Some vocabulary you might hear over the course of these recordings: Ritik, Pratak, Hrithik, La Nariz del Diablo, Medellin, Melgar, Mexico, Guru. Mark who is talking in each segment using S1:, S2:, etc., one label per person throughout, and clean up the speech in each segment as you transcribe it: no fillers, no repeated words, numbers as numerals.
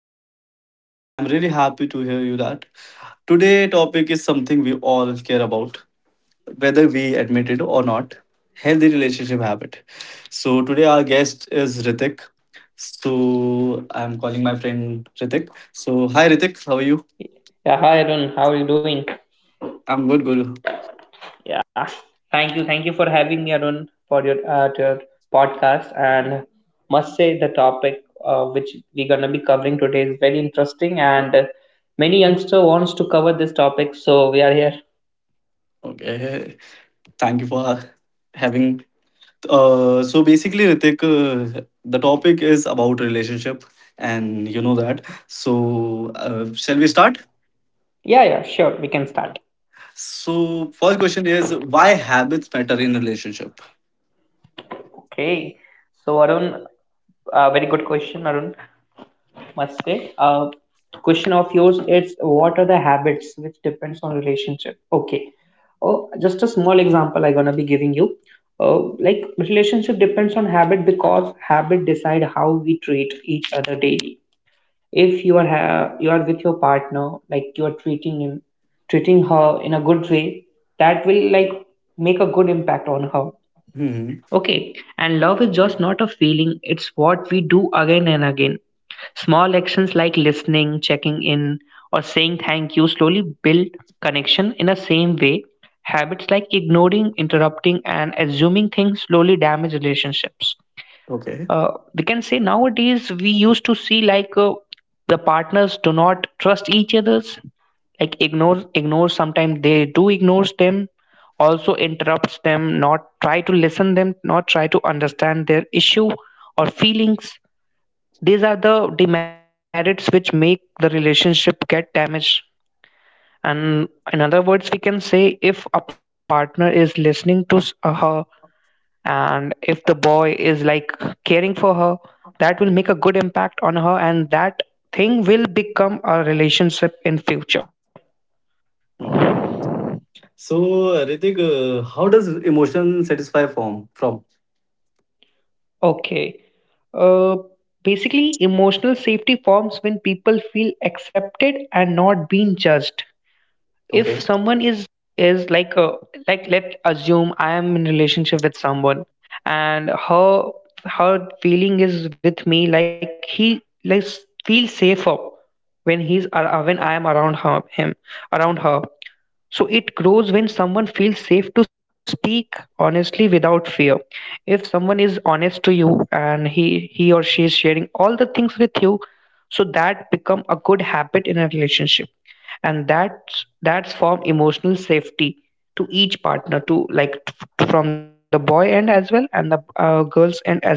S1: podcast. I'm really happy to hear you that. Today topic is something we all care about, whether we admit it or not, healthy relationship habit. So today our guest is Ritik. So I'm calling my friend Ritik. So hi Ritik, how are you?
S2: Yeah, hi Arun, how are you doing?
S1: I'm good, Guru.
S2: Yeah, thank you for having me, Arun, for your to your podcast. And must say, the topic which we're gonna be covering today is very interesting, and many youngster wants to cover this topic, so we are here.
S1: Okay. Thank you for having So basically, Ritik, the topic is about relationship, and you know that. So, shall we start?
S2: Yeah, yeah, sure, we can start.
S1: So, first question is why habits matter in relationship.
S2: Okay, so Arun, very good question, Arun. Namaste. Question of yours is what are the habits which depends on relationship? Okay. Oh, just a small example I'm gonna be giving you. Uh, like relationship depends on habit because habit decide how we treat each other daily. If you are you are with your partner, like you are treating him, treating her in a good way, that will like make a good impact on her.
S1: hmm
S2: Okay, and love is just not a feeling, it's what we do again and again. Small actions like listening, checking in, or saying thank you slowly build connection in the same way. Habits like ignoring, interrupting, and assuming things slowly damage relationships.
S1: Okay.
S2: uh, we can say nowadays we used to see like the partners do not trust each others, like ignore sometimes they do ignores them, also interrupts them, not try to listen them, not try to understand their issue or feelings. These are the demerits which make the relationship get damaged. And in other words we can say if a partner is listening to her, and if the boy is like caring for her, that will make a good impact on her, and that thing will become a relationship in future.
S1: Okay. So, Ritik, how does emotion satisfy form From
S2: Okay, uh, basically emotional safety forms when people feel accepted and not being judged. If
S1: okay.
S2: someone is like a, like let assume I am in relationship with someone, and her her feeling is with me, like he like feels safer when when I am around her, him around her. So it grows when someone feels safe to speak honestly without fear. If someone is honest to you, and he or she is sharing all the things with you, so that become a good habit in a relationship. And that's form emotional safety to each partner, to like from the boy end as well and the girls end as well.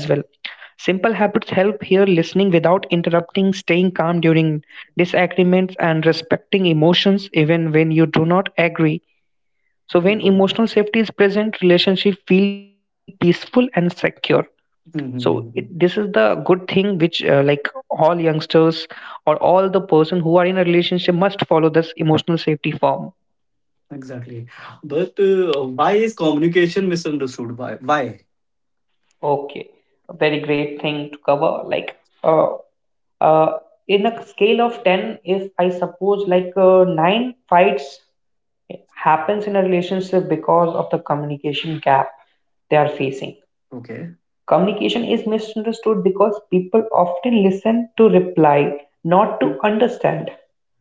S2: Simple habits help here: listening without interrupting, staying calm during disagreements, and respecting emotions even when you do not agree. So, when
S1: Okay.
S2: emotional safety is present, relationship feel peaceful and secure. So,
S1: hmm
S2: it, this
S1: hmm,
S2: is
S1: hmm.
S2: the good thing which, like all youngsters or all the person who are in a relationship, must follow this emotional safety form.
S1: Exactly. But why is communication misunderstood? Why? Why?
S2: Okay, a very great thing to cover. Like, uh, uh, in a scale of 10, if I suppose like nine fights happens in a relationship because of the communication gap they are facing.
S1: Okay.
S2: Communication is misunderstood because people often listen to reply, not to understand.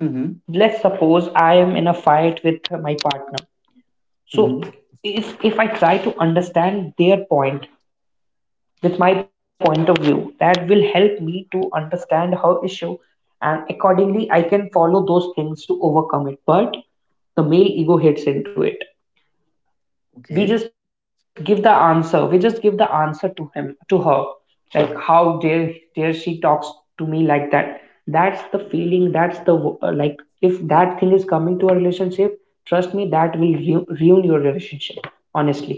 S1: Mm-hmm.
S2: Let's suppose I am in a fight with my partner. So
S1: Mm-hmm.
S2: if I try to understand their point, with my point of view, that will help me to understand her issue and accordingly I can follow those things to overcome it. But the male ego hits into it.
S1: Okay.
S2: We just give the answer. We just give the answer to him, to her. Like how dare she talks to me like that? That's the feeling. That's the like if that thing is coming to a relationship, trust me, that will ruin your relationship. Honestly.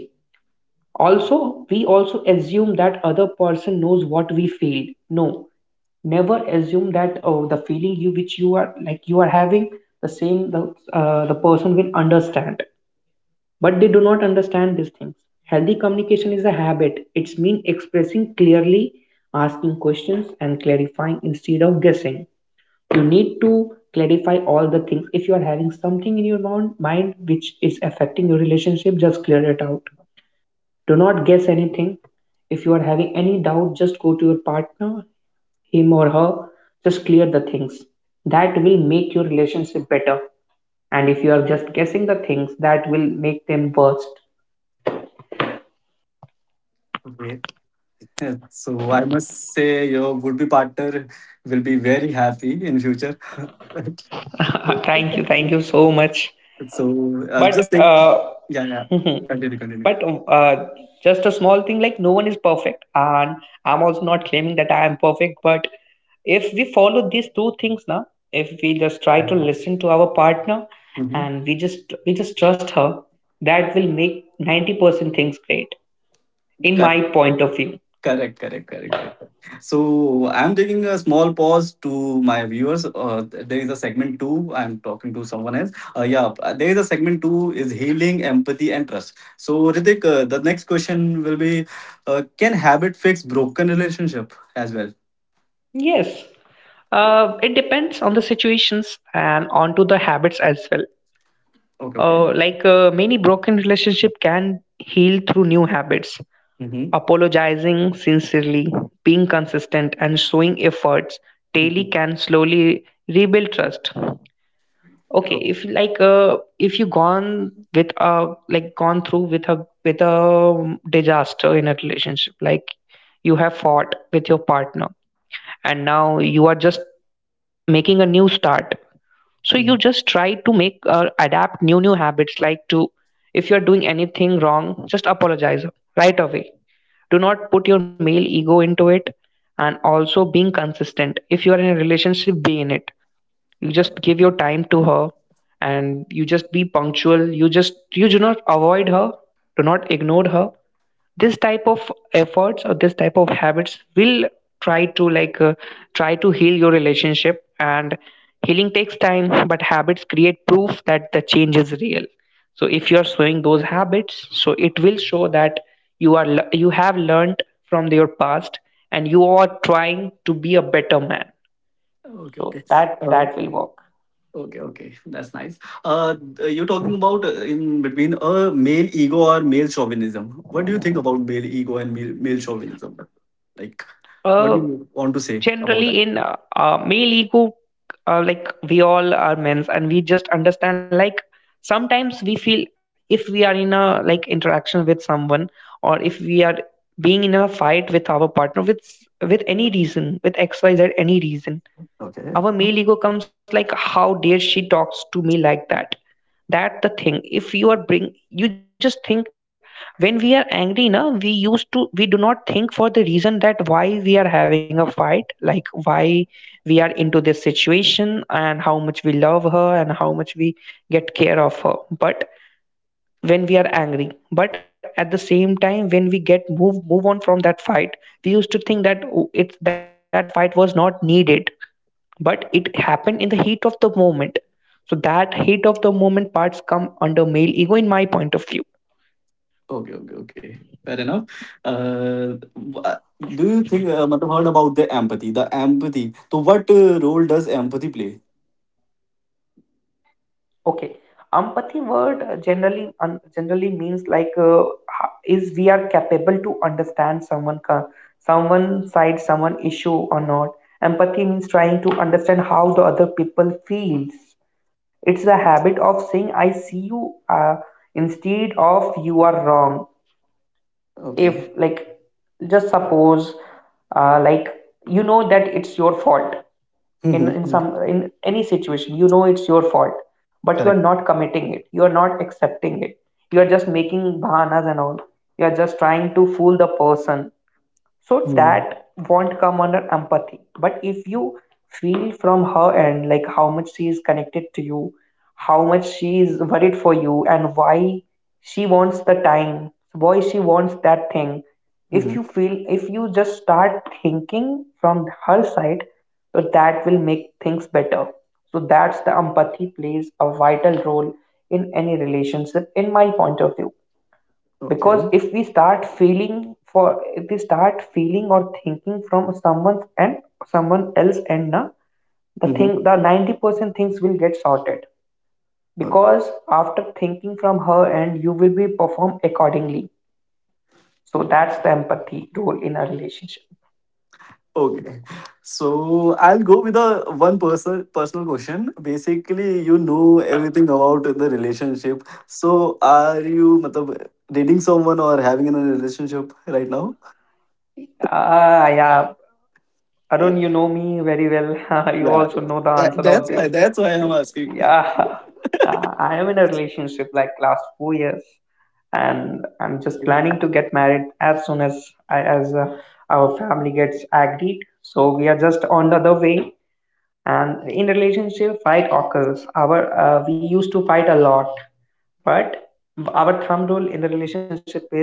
S2: Also, we also assume that other person knows what we feel. No, never assume that oh, the feeling you which you are like you are having, the same, the person will understand. But they do not understand these things. Healthy communication is a habit. It's mean expressing clearly, asking questions, and clarifying instead of guessing. You need to clarify all the things. If you are having something in your mind which is affecting your relationship, just clear it out, do not guess anything. If you are having any doubt, just go to your partner, him or her, just clear the things. That will make your relationship better. And if you are just guessing the things, that will make them worse.
S1: Okay. So I must say your would-be partner will be very happy in future.
S2: Thank you, thank you so much.
S1: So I'm
S2: But
S1: just think yeah, yeah. Continue,
S2: but
S1: continue.
S2: Just a small thing, like no one is perfect, and I'm also not claiming that I am perfect, but if we follow these two things now, if we just try
S1: Yeah,
S2: to
S1: yeah.
S2: listen to our partner,
S1: Mm-hmm.
S2: and we just trust her, that will make 90% things great in my
S1: Correct,
S2: point of view.
S1: correct, correct, correct, correct. So I'm taking a small pause to my viewers. There is a segment two. I'm talking to someone else. Yeah, there is a segment two is healing, empathy, and trust. So Ritik, the next question will be, can habit fix broken relationship as well?
S2: Yes, it depends on the situations and onto the habits as well.
S1: Okay, okay.
S2: Like many broken relationship can heal through new habits.
S1: Mhm,
S2: Apologizing sincerely, being consistent, and showing efforts daily
S1: mhm.
S2: can slowly rebuild trust. Okay,
S1: Oh,
S2: if like if you gone with a like gone through with a with a disaster in a relationship, like you have fought with your partner, and now you are just making a new start. So you just try
S1: mhm.
S2: to make adapt new habits, like to, if you are doing anything wrong, just apologize right away. Do not put your male ego into it, and also being consistent. If you are in a relationship, be in it, you just give your time to her, and you just be punctual, you just you do not avoid her, do not ignore her. This type of efforts or this type of habits will try to try to heal your relationship. And healing takes time, but habits create proof that the change is real. So if you are showing those habits, so it will show that you are you have learned from your past, and you are trying to be a better man,
S1: Okay,
S2: so
S1: okay.
S2: that
S1: Oh,
S2: that will work.
S1: okay, okay. That's nice. You're talking about in between a male ego or male chauvinism. What do you think about male ego and male chauvinism? Like, what do
S2: Uh,
S1: you want to say about that?
S2: Generally, in male ego, like we all are men's, and we just understand. Like sometimes we feel if we are in a like interaction with someone, or if we are being in a fight with our partner with any reason, with XYZ any reason,
S1: Okay.
S2: our male ego comes like how dare she talks to me like that. That the thing, if you are bring, you just think, when we are angry na, we used to we do not think for the reason that why we are having a fight, like why we are into this situation, and how much we love her, and how much we get care of her, but when we are angry. But at the same time, when we get move on from that fight, we used to think that oh, it's, that fight was not needed, but it happened in the heat of the moment. So that heat of the moment parts come under male ego in my point of view.
S1: Okay, okay, okay. Fair enough. Do you think, मतलब heard about the empathy, the empathy. So what role does empathy play?
S2: Okay, empathy word generally generally means like is we are capable to understand someone someone side, someone issue or not. Empathy means trying to understand how the other people feels. It's the habit of saying I see you, instead of you are wrong. If
S1: Okay.
S2: like just suppose like you know that it's your fault, in
S1: Mm-hmm.
S2: some in any situation you know it's your fault, but you
S1: Correct.
S2: are not committing it, you are not accepting it, you are just making bahanas and all, you are just trying to fool the person, so
S1: Mm-hmm.
S2: that won't come under empathy. But if you feel from her end, like how much she is connected to you, how much she is worried for you, and why she wants the time, why she wants that thing, if you feel, if you just start thinking from her side, so that will make things better. So that's the empathy plays a vital role in any relationship in my point of view. Because
S1: Okay.
S2: if we start feeling for if we start feeling or thinking from someone's and someone else and na, the
S1: Mm-hmm.
S2: thing, the 90% things will get sorted, because after thinking from her and, you will be performed accordingly. So
S1: Oh,
S2: that's the empathy role in a relationship.
S1: okay. So I'll go with a one personal question. Basically, you know everything about the relationship. So are you matlab, dating someone or having a relationship right now?
S2: Ah yeah,
S1: Yeah,
S2: Arun, you know me very well. You
S1: yeah.
S2: also know the
S1: That,
S2: answer of
S1: that's why
S2: this.
S1: that's why I'm asking.
S2: Yeah, I am in a relationship like last 4 years, and I'm just planning to get married as soon as I, as our family gets agreed. So we are just on the other way. And in relationship, fight occurs. Our We used to fight a lot, but our thumb rule in the relationship is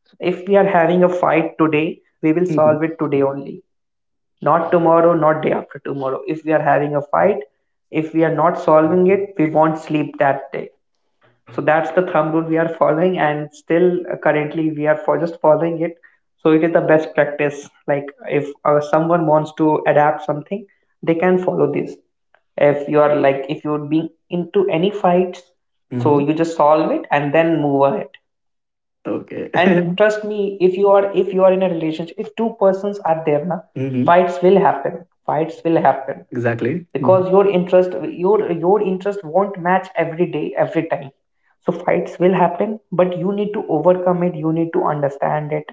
S2: if we are having a fight today, we will solve
S3: Mhm.
S2: it today only, not tomorrow, not day after tomorrow. If we are having a fight, if we are not solving it, we won't sleep that day. So that's the thumb rule we are following, and still currently we are for just following it. So it is the best practice. Like if someone wants to adapt something, they can follow this. If you are like, if you're being into any fights, so
S3: Mhm.
S2: you just solve it and then move on it. And
S3: Okay.
S2: trust me, if you are in a relationship, if two persons are there, na,
S3: Mhm.
S2: fights will happen. Fights will happen
S3: Exactly. Mhm.
S2: because your interest your interest won't match every day, every time. So fights will happen, but you need to overcome it. You need to understand it,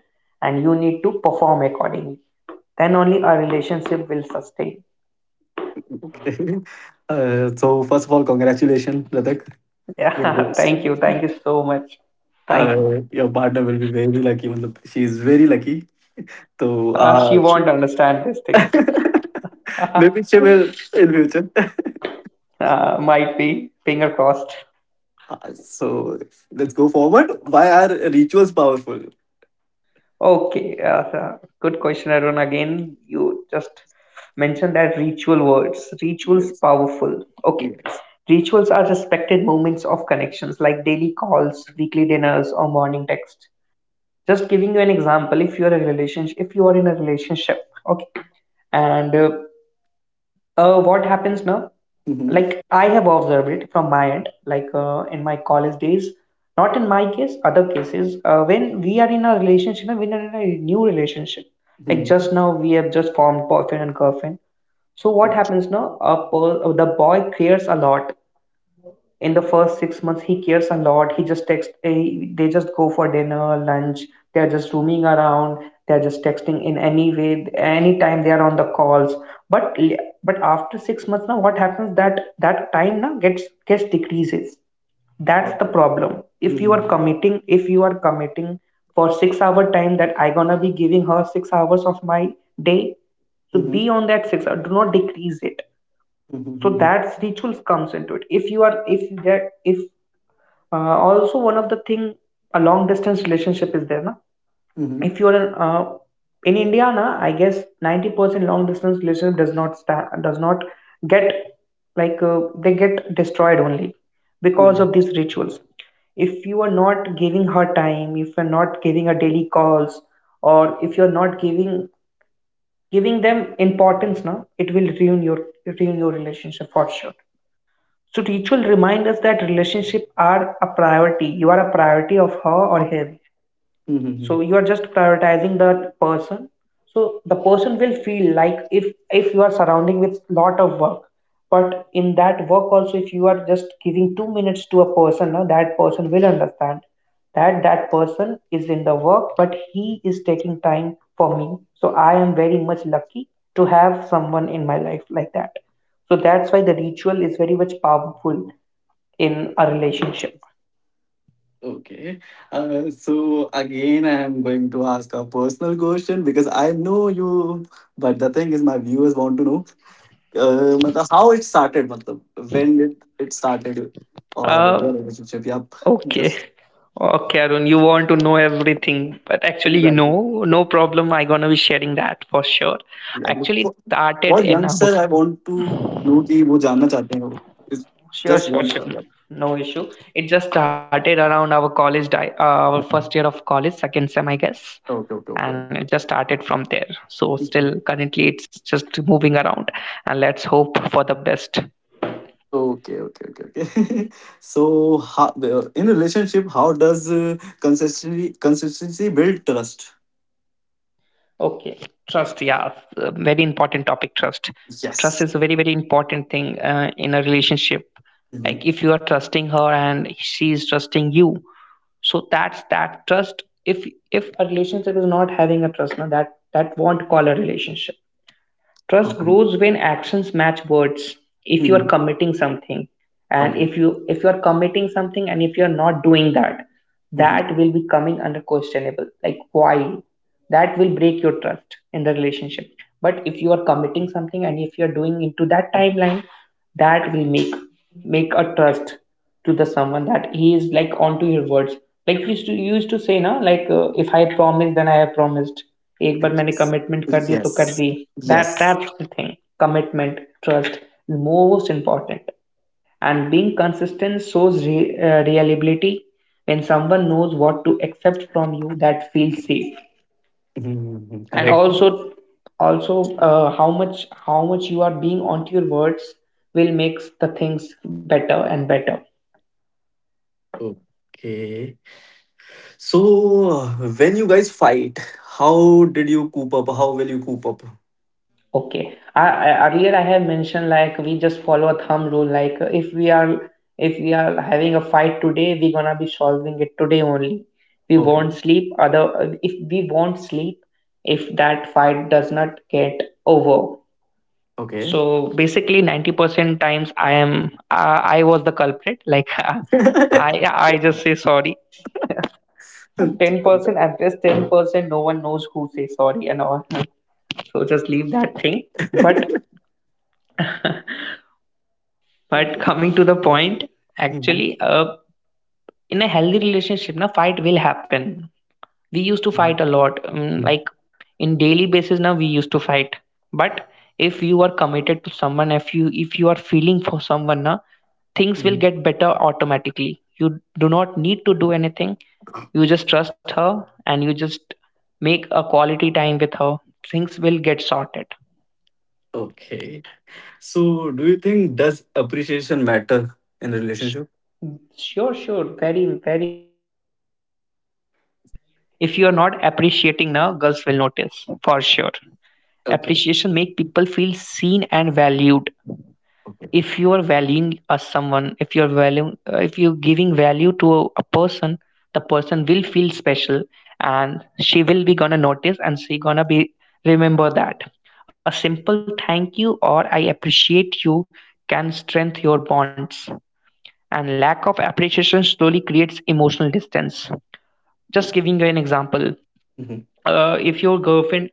S2: and you need to perform accordingly. Then only a relationship will sustain.
S3: Okay. So first of all, congratulations, Pratak. Your
S2: Yeah,
S3: boss-
S2: thank you so much. Thank you.
S3: your partner will be very lucky. मतलब she is very lucky. तो
S2: She
S3: uh,
S2: won't understand this thing. uh,
S3: maybe she will in future.
S2: might be finger crossed.
S3: So let's go forward. Why are rituals powerful?
S2: Okay, so good question, Arun. Again, you just mentioned that ritual words. Rituals
S3: Yes.
S2: powerful. Okay,
S3: Yes.
S2: rituals are respected moments of connections like daily calls, weekly dinners, or morning text. Just giving you an example, if you are a relationship, if you are in a relationship, okay, and what happens now,
S3: Mm-hmm.
S2: like I have observed it from my end, like in my college days, not in my case, other cases. When we are in a relationship and when we are in a new relationship, like
S3: Mm-hmm.
S2: just now we have just formed boyfriend and girlfriend. So what
S3: Okay.
S2: happens now? The boy cares a lot. In the first 6 months, he cares a lot. He just text, he, they just go for dinner, lunch, they're just roaming around, they're just texting in any way, anytime they are on the calls. But but after 6 months, now what happens, that that time now gets decreases. That's the
S3: Okay.
S2: problem. If you are
S3: Mm-hmm.
S2: committing, if you are committing for 6 hour time, that I gonna be giving her 6 hours of my day, so be
S3: Mm-hmm.
S2: on that 6 hour, do not decrease it. So
S3: Mm-hmm.
S2: that's rituals comes into it. If you are, if there, if also one of the thing, a long distance relationship is there, na,
S3: Mm-hmm.
S2: if you are an, in India, na, I guess 90% long distance relationship does not get, like they get destroyed only because
S3: Mm-hmm.
S2: of these rituals. If you are not giving her time, if you're not giving her daily calls, or if you're not giving, giving them importance, na, it will ruin your, ruin your relationship for sure. So ritual remind us that relationship are a priority. You are a priority of her or him. So you
S3: Mm-hmm.
S2: are just prioritizing that person. So the person will feel like, if you are surrounding with lot of work, but in that work also, if you are just giving 2 minutes to a person, no, that person will understand that that person is in the work, but he is taking time for me. So I am very much lucky to have someone in my life like that. So that's why the ritual is very much powerful in a relationship.
S3: Okay. So again, I am going to ask a personal question because I know you, but the thing is, my viewers want to know, मतलब how it started, मतलब when it started, or your
S2: Uh,
S3: relationship. Yep,
S2: okay.
S3: just
S2: Okay, Arun, you want to know everything, but actually, you
S3: exactly.
S2: know, no problem. I gonna be sharing that for sure.
S3: Exactly.
S2: Actually, it
S3: For,
S2: started
S3: for
S2: in our,
S3: youngster, I want to know कि वो जानना चाहते हैं वो. Is-
S2: sure,
S3: Just
S2: sure,
S3: want.
S2: sure, no issue. It just started around our college, our first year of college, second sem, I guess,
S3: Okay, okay,
S2: and
S3: okay.
S2: it just started from there. So,
S3: Mm-hmm.
S2: still currently, it's just moving around, and let's hope for the best.
S3: Okay, okay, okay, okay. So, how, in relationship, how does consistency build trust?
S2: Okay, trust. Yeah, very important topic. Trust. Trust is
S3: Yes.
S2: a very important thing in a relationship.
S3: Mhm.
S2: Like if you are trusting her and she is trusting you, so that's that trust. If a relationship is not having a trust, now that won't call a relationship. Trust
S3: Okay.
S2: grows when actions match words. If you are
S3: Mhm.
S2: committing something, and
S3: Okay.
S2: if you are committing something, and if you are not doing that,
S3: Mhm.
S2: that will be coming under questionable. Like why? That will break your trust in the relationship. But if you are committing something, and if you are doing into that timeline, that will make a trust to the someone that he is like onto your words. Like we used to, you used to say na, like if I promise, then I have promised. एक बार मैंने
S3: Yes.
S2: commitment कर दी तो कर
S3: Yes.
S2: दी. That
S3: Yes.
S2: that's the thing. Commitment, trust is most important. And being consistent shows reliability. When someone knows what to accept from you, that feels safe.
S3: Mhm.
S2: And
S3: Correct.
S2: also, also how much, how much you are being onto your words will makes the things better and better.
S3: Okay. So, uh, when you guys fight, how did you coop up? How will you coop up?
S2: Okay, I earlier I have mentioned, like we just follow a thumb rule, like if we are, if we are having a fight today, we're gonna be solving it today only. We won't
S3: Okay.
S2: sleep other if we won't sleep, if that fight does not get over.
S3: Okay.
S2: So basically 90% times I am I was the culprit, like i i just say sorry. 10%, at least 10%, no one knows who say sorry and all, so just leave that thing. but but
S3: Okay.
S2: coming to the point,
S3: Mhm.
S2: actually in a healthy relationship, na, fight will happen. We used to
S3: Mhm.
S2: fight a lot, like in daily basis, now we used to fight. But if you are committed to someone, if you, if you are feeling for someone, now things will
S3: Mhm.
S2: get better automatically. You do not need to do anything. You just trust her, and you just make a quality time with her. Things will get sorted.
S3: Okay. So, do you think does appreciation matter in a relationship?
S2: Sure, sure, very very much. If you are not appreciating, now girls will notice for sure. Appreciation
S3: Okay.
S2: make people feel seen and valued.
S3: Okay.
S2: If you are valuing a someone, if you're valuing if you're giving value to a person, the person will feel special, and she will be gonna notice, and she gonna be remember that. A simple thank you or I appreciate you can strengthen your bonds, and lack of appreciation slowly creates emotional distance.
S3: Oh.
S2: Just giving you an example,
S3: Mhm.
S2: if your girlfriend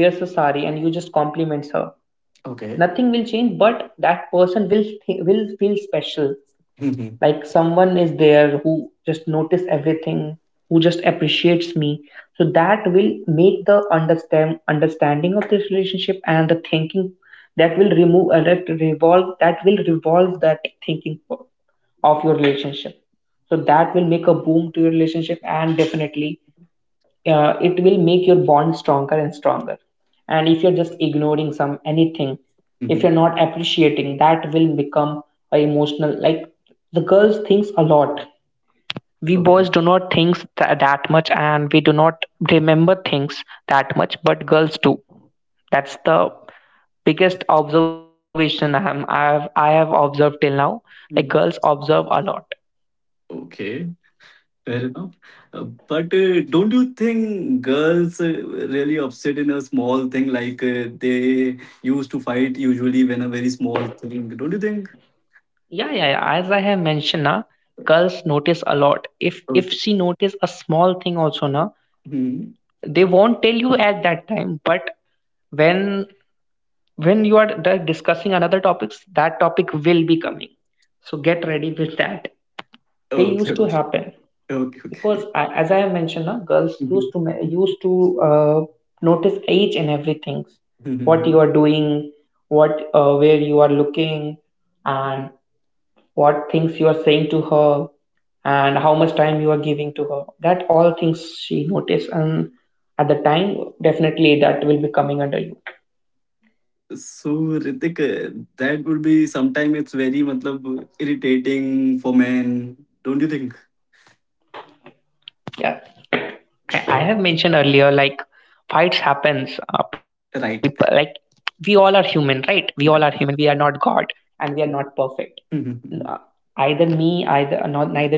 S2: wears a sari and you just compliments her,
S3: Okay.
S2: nothing will change, but that person will feel special,
S3: Mhm,
S2: like someone is there who just notice everything, who just appreciates me. So that will make the understand understanding of this relationship and the thinking. That will remove that will revolve that thinking of your relationship. So that will make a boom to your relationship, and definitely it will make your bond stronger and stronger. And if you're just ignoring some anything, if
S3: mhm.
S2: you're not appreciating, that will become a emotional. Like the girls thinks a lot, we
S3: Okay.
S2: boys do not that much, and we do not remember things that much, but girls do. That's the biggest observation I have observed till now. Like girls
S3: Mhm.
S2: observe a lot.
S3: Okay. Fair enough. But don't you think girls really upset in a small thing like they used to fight usually when a very small thing? Don't you think?
S2: Yeah, yeah, yeah. As I have mentioned, na, girls notice a lot. If
S3: Okay.
S2: she notice a small thing also, na,
S3: Mhm.
S2: they won't tell you at that time. But when when you are discussing another topics, that topic will be coming. So get ready with that. They
S3: Okay.
S2: used to
S3: Okay.
S2: happen
S3: Okay. Okay.
S2: because I, as I have mentioned, na, girls used
S3: Mhm,
S2: to notice each and everything, what you
S3: mhm.
S2: are doing, what where you are looking, and what things you are saying to her, and how much time you are giving to her, that all things she notice, and at the time definitely that will be coming under you.
S3: So Ritik, that would be sometimes it's very matlab, irritating for men, don't you think?
S2: Yeah, I have mentioned earlier, like fights happens people like,
S3: Right.
S2: we all are human, right? We all are human, we are not god, and we are not perfect. N- uh, Either me, either not neither you,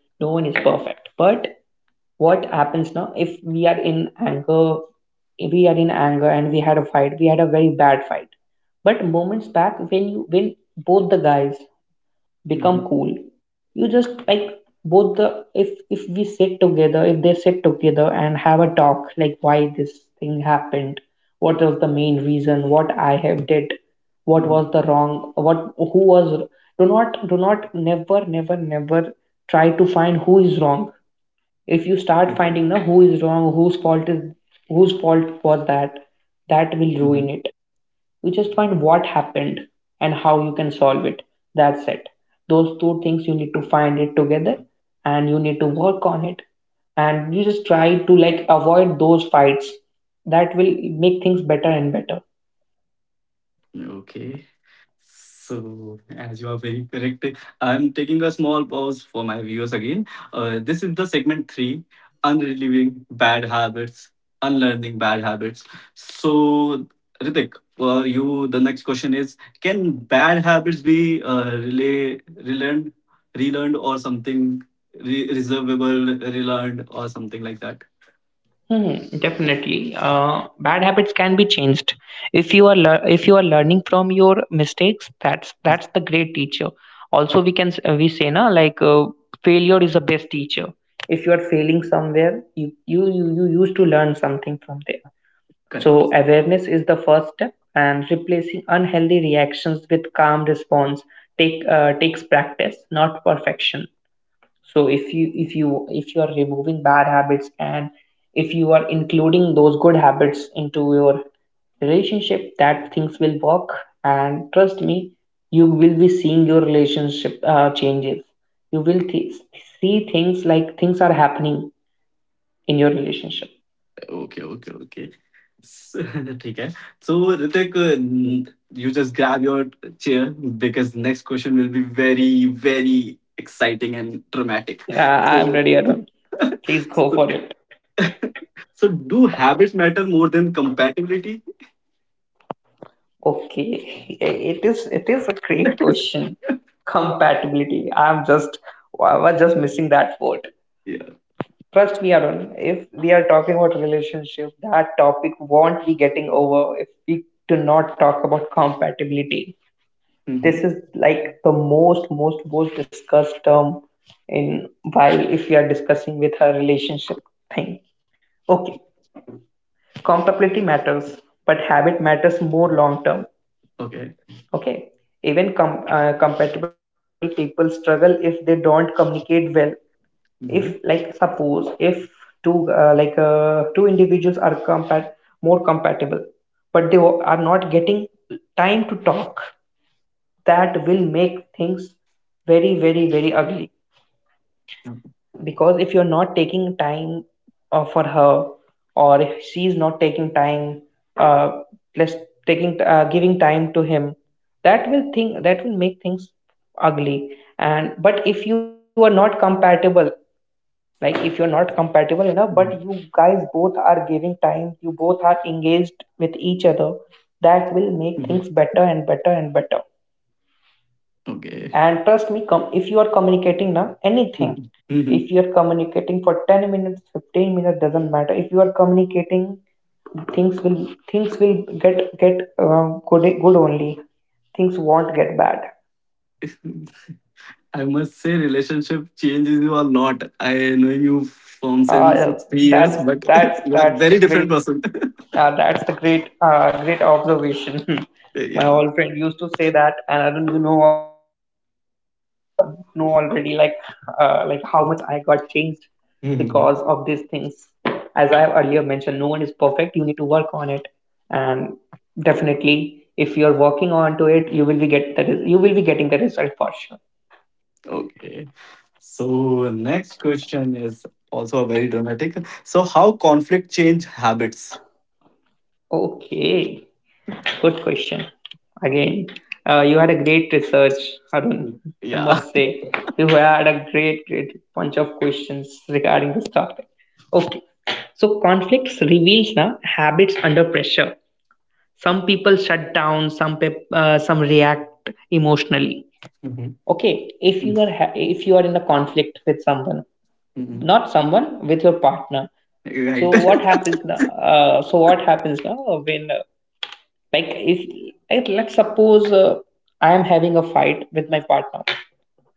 S2: no one is perfect. But what happens now, if we are in anger, if we are in anger and we had a fight, we had a very bad fight, but moments back, when you, when both the guys become cool, you just like, both the, if we sit together, if they sit together and have a talk, like why this thing happened, what was the main reason, what I have did, what was the wrong, what, who was. Do not, do not, never, never, never try to find who is wrong. If you
S3: Okay.
S2: start finding now who is wrong, whose fault is, whose fault was that, that
S3: Mhm.
S2: will ruin it. You just find what happened and how you can solve it. That's it. Those two things you need to find it together, and you need to work on it. And you just try to like avoid those fights. That will make things better and better.
S3: Okay. So, as you are very correct, I'm taking a small pause for my viewers again. This is the segment three unrelieving bad habits, unlearning bad habits. So, Ritik, for you, the next question is, can bad habits be relay, relearned, relearned, or something reservable, relearned, or something like that?
S2: Hmm, definitely. Bad habits can be changed. If you are lear if you are learning from your mistakes, that's the great teacher. Also, we can we say na, like failure is the best teacher. If you are failing somewhere, you you used to learn something from there. So
S3: Correct.
S2: awareness is the first step, and replacing unhealthy reactions with calm response takes practice, not perfection. So if you are removing bad habits and if you are including those good habits into your relationship, that things will work, and trust me, you will be seeing your relationship changes. you will th- See things like things are happening in your relationship.
S3: Okay, okay, okay. स ठीक है. So Hrithik, you just grab your chair because next question will be very, very exciting and dramatic.
S2: I'm
S3: So,
S2: ready, Arun. Please go
S3: so,
S2: for it.
S3: so do habits matter more than compatibility?
S2: Okay, it is a great question. Compatibility. I was just missing that word.
S3: Yeah.
S2: Trust me, Arun, if we are talking about relationship, that topic won't be getting over if we do not talk about compatibility. This
S3: Mhm.
S2: is like the most, most, most discussed term in while if we are discussing with a relationship thing. Okay, compatibility matters, but habit matters more long term.
S3: Okay.
S2: Okay, even compatible people struggle if they don't communicate well.
S3: Mhm.
S2: If like suppose if two individuals are compat more compatible but they are not getting time to talk, that will make things very, very, very ugly, because if you're not taking time for her, or if she's not taking time, uh, less taking, giving time to him, that will make things ugly. And but if you are not compatible, like if you're not compatible enough, but you guys both are giving time, you both are engaged with each other, that
S3: Mhm.
S2: will make things better and better and better.
S3: Okay.
S2: And trust me, if you are communicating now anything,
S3: Mhm.
S2: if
S3: Mhm.
S2: you are communicating for 10 minutes, 15 minutes, doesn't matter, if you are communicating, things will things will get good good only, things won't get bad.
S3: I must say, relationship changes you a lot. I know you from since
S2: Yeah,
S3: 3 years,
S2: that's
S3: but
S2: that's
S3: you are
S2: that's
S3: very
S2: the
S3: different
S2: great
S3: person.
S2: that's the great great observation. My
S3: Yeah.
S2: old friend used to say that, and I don't know already, like how much I got changed because of these things.
S3: Mhm.
S2: As I have earlier mentioned, no one is perfect. You need to work on it, and definitely, if you are working onto it, you will be getting the result for sure.
S3: Okay. So next question is also a very dramatic. So how conflict change habits?
S2: Okay. Good question. Again, you had a great research, Arun. I
S3: Yeah.
S2: must say, you had a great, great bunch of questions regarding this topic. Okay, so conflicts reveals now habits under pressure. Some people shut down. Some react emotionally.
S3: Mhm.
S2: Okay, if you are in a conflict with someone,
S3: Mhm.
S2: not someone with your partner.
S3: Right.
S2: So what happens now? So what happens now when like if like, let's suppose, I am having a fight with my partner.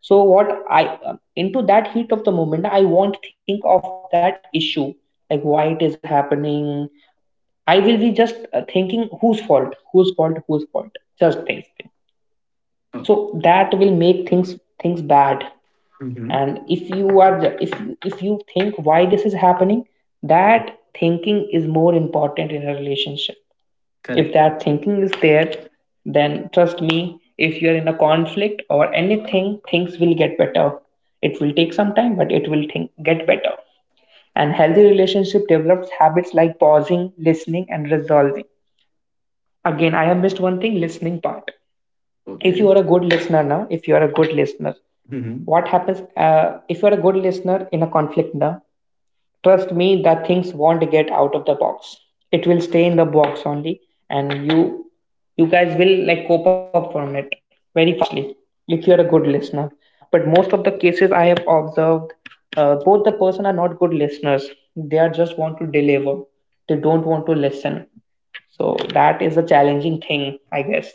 S2: So what I into that heat of the moment, I won't think of that issue, like why it is happening. I will be just thinking whose fault, whose fault, whose fault, just things.
S3: Okay.
S2: So that will make things bad.
S3: Mhm.
S2: And if you think why this is happening, that thinking is more important in a relationship. If that
S3: Correct.
S2: thinking is there, then trust me, if you're in a conflict or anything, things will get better. It will take some time, but it will think, get better. And healthy relationship develops habits like pausing, listening, and resolving.
S3: Oh.
S2: Again, I have missed one thing, listening part. If
S3: Okay.
S2: you are a good listener, na. If you are a good listener,
S3: Mhm.
S2: what happens if you are a good listener in a conflict, na. Trust me, that things won't get out of the box. It will stay in the box only, and you guys will like cope up from it very fastly if you're a good listener. But most of the cases I have observed, both the person are not good listeners. They are just want to deliver. They don't want to listen. So that is a challenging thing, I guess.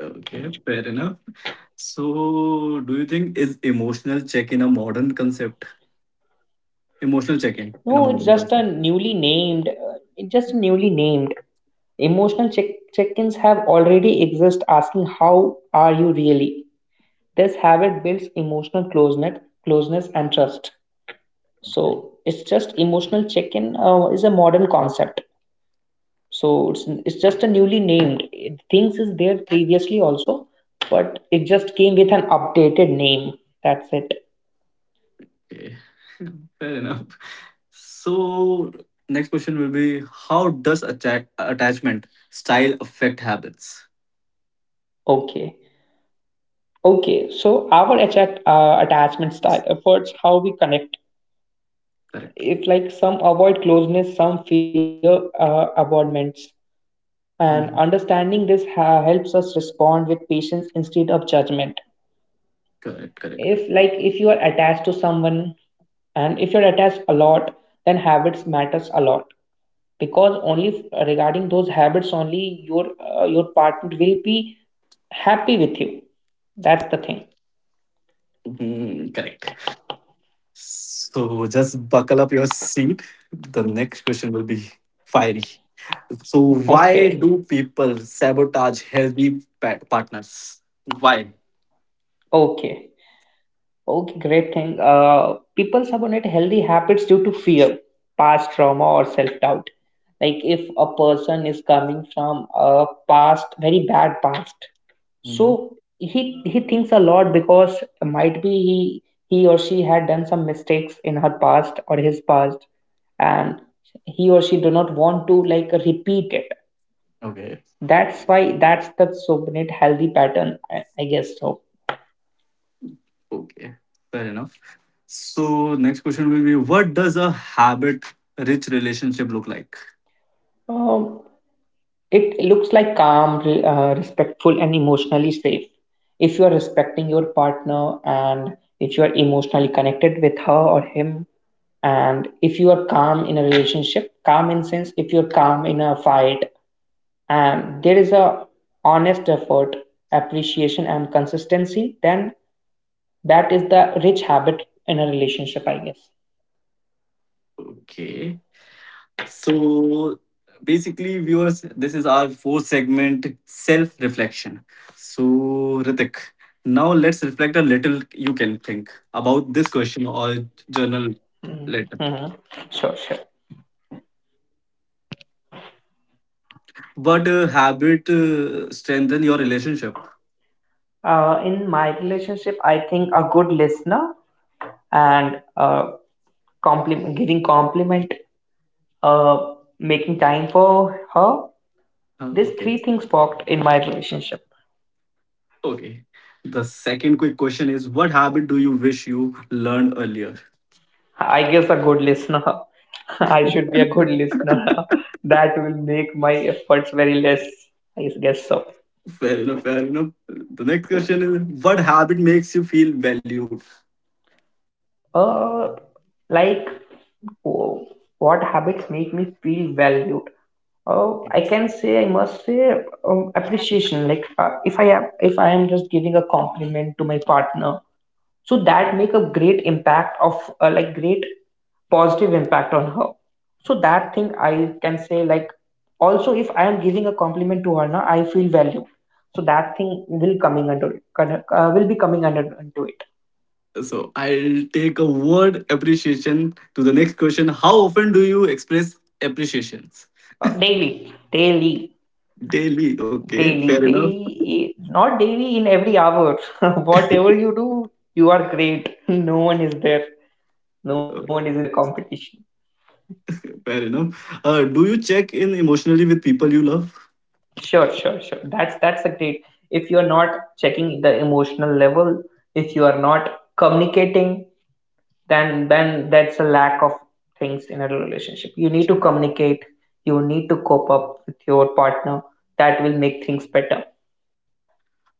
S3: Okay. Fair enough. So do you think is emotional check in a modern concept? Emotional check-in in a
S2: No, it's
S3: modern
S2: just a
S3: classroom.
S2: newly named, it's just newly named. Emotional check Check-ins have already exist, asking how are you really? This habit builds emotional closeness, closeness and trust. So it's just emotional check-in is a modern concept. So it's just a newly named it, things is there previously also, but it just came with an updated name. That's it.
S3: Okay. Fair enough. So next question will be, how does attachment style affect habits?
S2: Okay. Okay, so our attachment style efforts how we connect.
S3: Correct.
S2: If like some avoid closeness, some fear avoidance, and
S3: Mhm.
S2: understanding this helps us respond with patience instead of judgment.
S3: Correct. Correct. Correct.
S2: If like if you are attached to someone, and if you're attached a lot, then habits matters a lot, because only regarding those habits only your partner will be happy with you. That's the thing.
S3: Mhm, correct. So just buckle up your seat. The next question will be fiery. So why
S2: Okay,
S3: do people sabotage healthy partners? Why?
S2: okay. Okay, great thing. People subordinate healthy habits due to fear, past trauma, or self doubt. Like if a person is coming from a past, very bad past,
S3: Mhm.
S2: so he thinks a lot, because might be he or she had done some mistakes in her past or his past, and he or she do not want to like repeat it.
S3: Okay.
S2: That's why that's the subordinate healthy pattern, I guess so.
S3: Okay. Fair enough. So next question will be, what does a habit rich relationship look like?
S2: Um, It looks like calm, respectful, and emotionally safe. If you are respecting your partner, and if you are emotionally connected with her or him, and if you are calm in a relationship, calm in sense, if you're calm in a fight, and there is a honest effort, appreciation, and consistency, then that is the rich habit in a relationship, I guess.
S3: Okay. So basically viewers, this is our fourth segment, self reflection. So Ritik, now let's reflect a little. You can think about this question or journal later.
S2: Mm-hmm. Sure, sure.
S3: What habit strengthen your relationship?
S2: In my relationship, I think a good listener, and a giving compliment, uh, making time for her.
S3: Uh,
S2: These
S3: okay.
S2: three things worked in my relationship.
S3: Okay. The second quick question is, what habit do you wish you learned earlier?
S2: I guess a good listener. I should be a good listener. That will make my efforts very less. I guess so.
S3: Fair enough, fair enough. The next question is, what habit makes you feel valued?
S2: Uh, like oh, what habits make me feel valued? Oh, I
S3: It's-
S2: can say, I must say, appreciation. Like if I am just giving a compliment to my partner, so that make a great impact of like great positive impact on her. So that thing I can say, like, also if I am giving a compliment to her, now I feel value. So that thing will coming under will be coming under into it.
S3: So I'll take a word appreciation to the next question. How often do you express appreciations?
S2: Daily, daily.
S3: Daily. Okay, fair
S2: Daily,
S3: enough.
S2: daily, not daily, in every hour. Whatever you do, you are great. No one is there, no one is in
S3: Okay,
S2: the competition.
S3: fair enough. Do you check in emotionally with people you love?
S2: Sure, sure, sure. That's a great. If you are not checking the emotional level, if you are not communicating, then that's a lack of things in a relationship. You need to communicate. You need to cope up with your partner. That will make things better.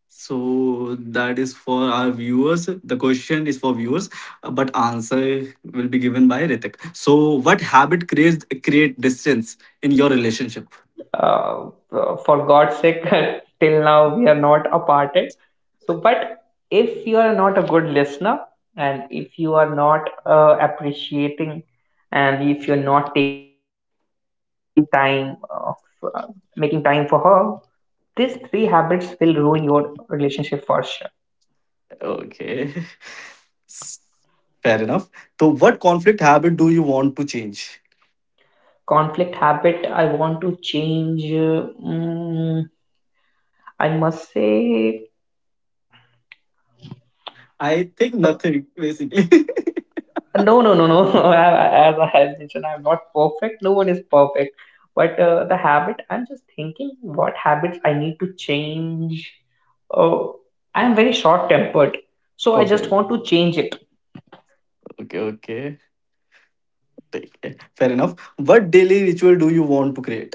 S3: So that is for our viewers. The question is for viewers, but answer will be given by Ritik. So, what habit creates create distance in your relationship?
S2: uh, for God's sake, till now we are not aparted. So, but if you are not a good listener, and if you are not appreciating, and if you're not taking time, f- making time for her, these three habits will ruin your relationship for sure.
S3: Okay. S- Fair enough. So, what conflict habit do you want to change?
S2: Conflict habit, I want to change. I must say, a
S3: I think nothing, basically.
S2: No, no, no, no. I- As I have mentioned, I'm not perfect. No one is perfect. But the habit, I'm just thinking what habits I need to change. Oh, I'm very short-tempered, so I
S3: Okay,
S2: just want to change it.
S3: okay, okay. Take care. Fair enough. What daily ritual do you want to create?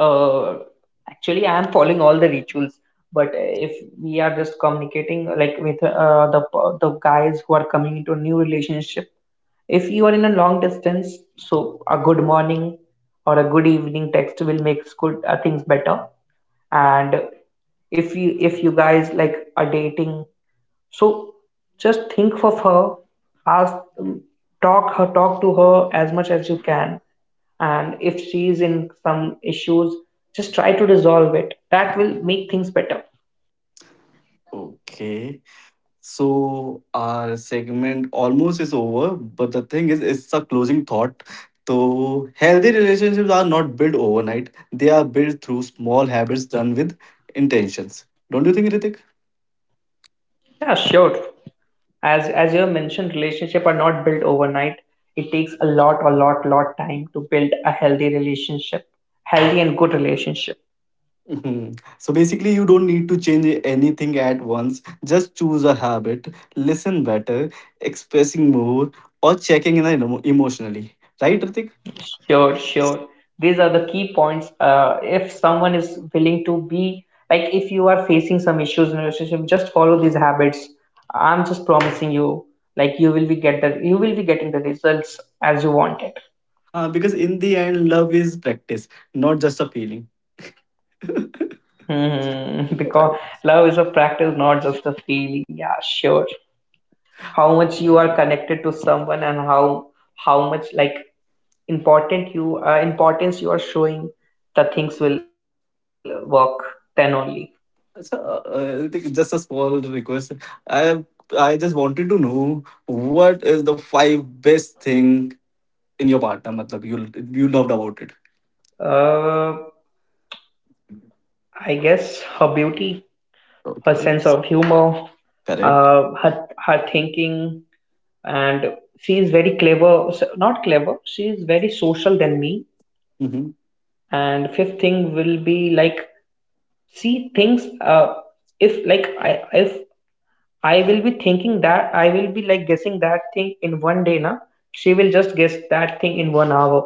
S2: Uh, Actually, I am following all the rituals, but if we are just communicating like with the guys who are coming into a new relationship, if you are in a long distance, so a good morning or a good evening text will make good things better. And if you guys like are dating, so just think of her. Ask um, Talk to her as much as you can. And if she is in some issues, just try to resolve it, that will make things better.
S3: Okay. So our segment almost is over, but the thing is, it's a closing thought. So healthy relationships are not built overnight; they are built through small habits done with intentions. Don't you think, Ritik?
S2: Yeah, sure. As you have mentioned, relationship are not built overnight. It takes a lot, a lot time to build a healthy relationship, healthy and good relationship.
S3: Mhm. So basically, you don't need to change anything at once. Just choose a habit, listen better, expressing more, or checking in emotionally. Right, Ritik?
S2: Sure, sure. These are the key points. If someone is willing to be like, if you are facing some issues in a relationship, just follow these habits. I'm just promising you, like, you will be getting the results as you want it.
S3: Because in the end, love is practice, not just a feeling.
S2: Hmm, because love is a practice, not just a feeling. Yeah, sure. How much you are connected to someone, and how much like important you importance you are showing, the things will work then only.
S3: So, I think just a small request. I I just wanted to know what is the five best thing in your partner, matlab you loved about it.
S2: Uh, I guess her beauty, her sense
S3: Okay,
S2: of humor,
S3: correct.
S2: her thinking, and she is very clever. Not clever. She is very social than me.
S3: Hmm.
S2: And fifth thing will be like she thinks. If I will be thinking that I will be like guessing that thing in one day, na. She will just guess that thing in one hour,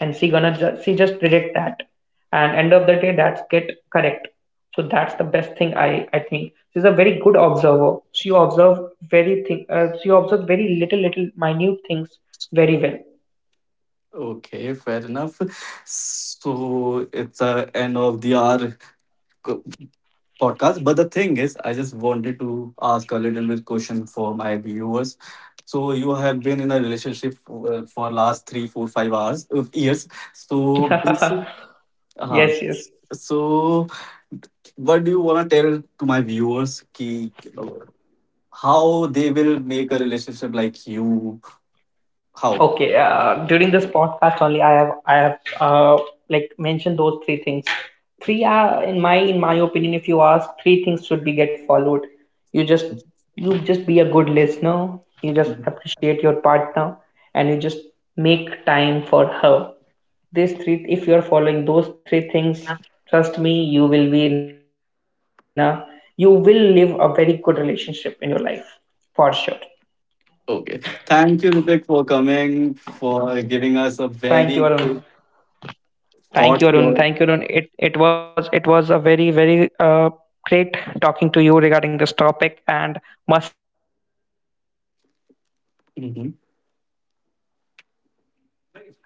S2: and she just predict that, and end of the day that's get correct. So that's the best thing I think. She's a very good observer. She observe very thing. She observe very little minute things very well.
S3: Okay, fair enough. So it's the end of the hour co- podcast. But the thing is, I just wanted to ask a little bit question for my viewers. So you have been in a relationship for last three, four, 5 hours of years. So. Uh-huh.
S2: Yes, yes.
S3: So, what do you want to tell to my viewers? Ki, uh, how they will make a relationship like you? How?
S2: Okay, during this podcast only, I have like mentioned those three things. Three are in my opinion, if you ask, three things should be get followed. You just you just be a good listener. You just appreciate your partner, and you just make time for her. These three, if you are following those three things, trust me, you will be in a you will live a very good relationship in your life for sure.
S3: Okay. Thank you, Ritik, for coming, for giving us a
S2: Thank you, Arun.
S3: very good thought. Your. Mhm.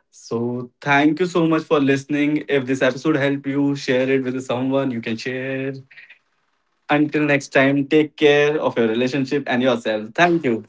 S3: So, thank you so much for listening. If this episode helped you, share it with someone you can share. Until next time, take care of your relationship and yourself. Thank you.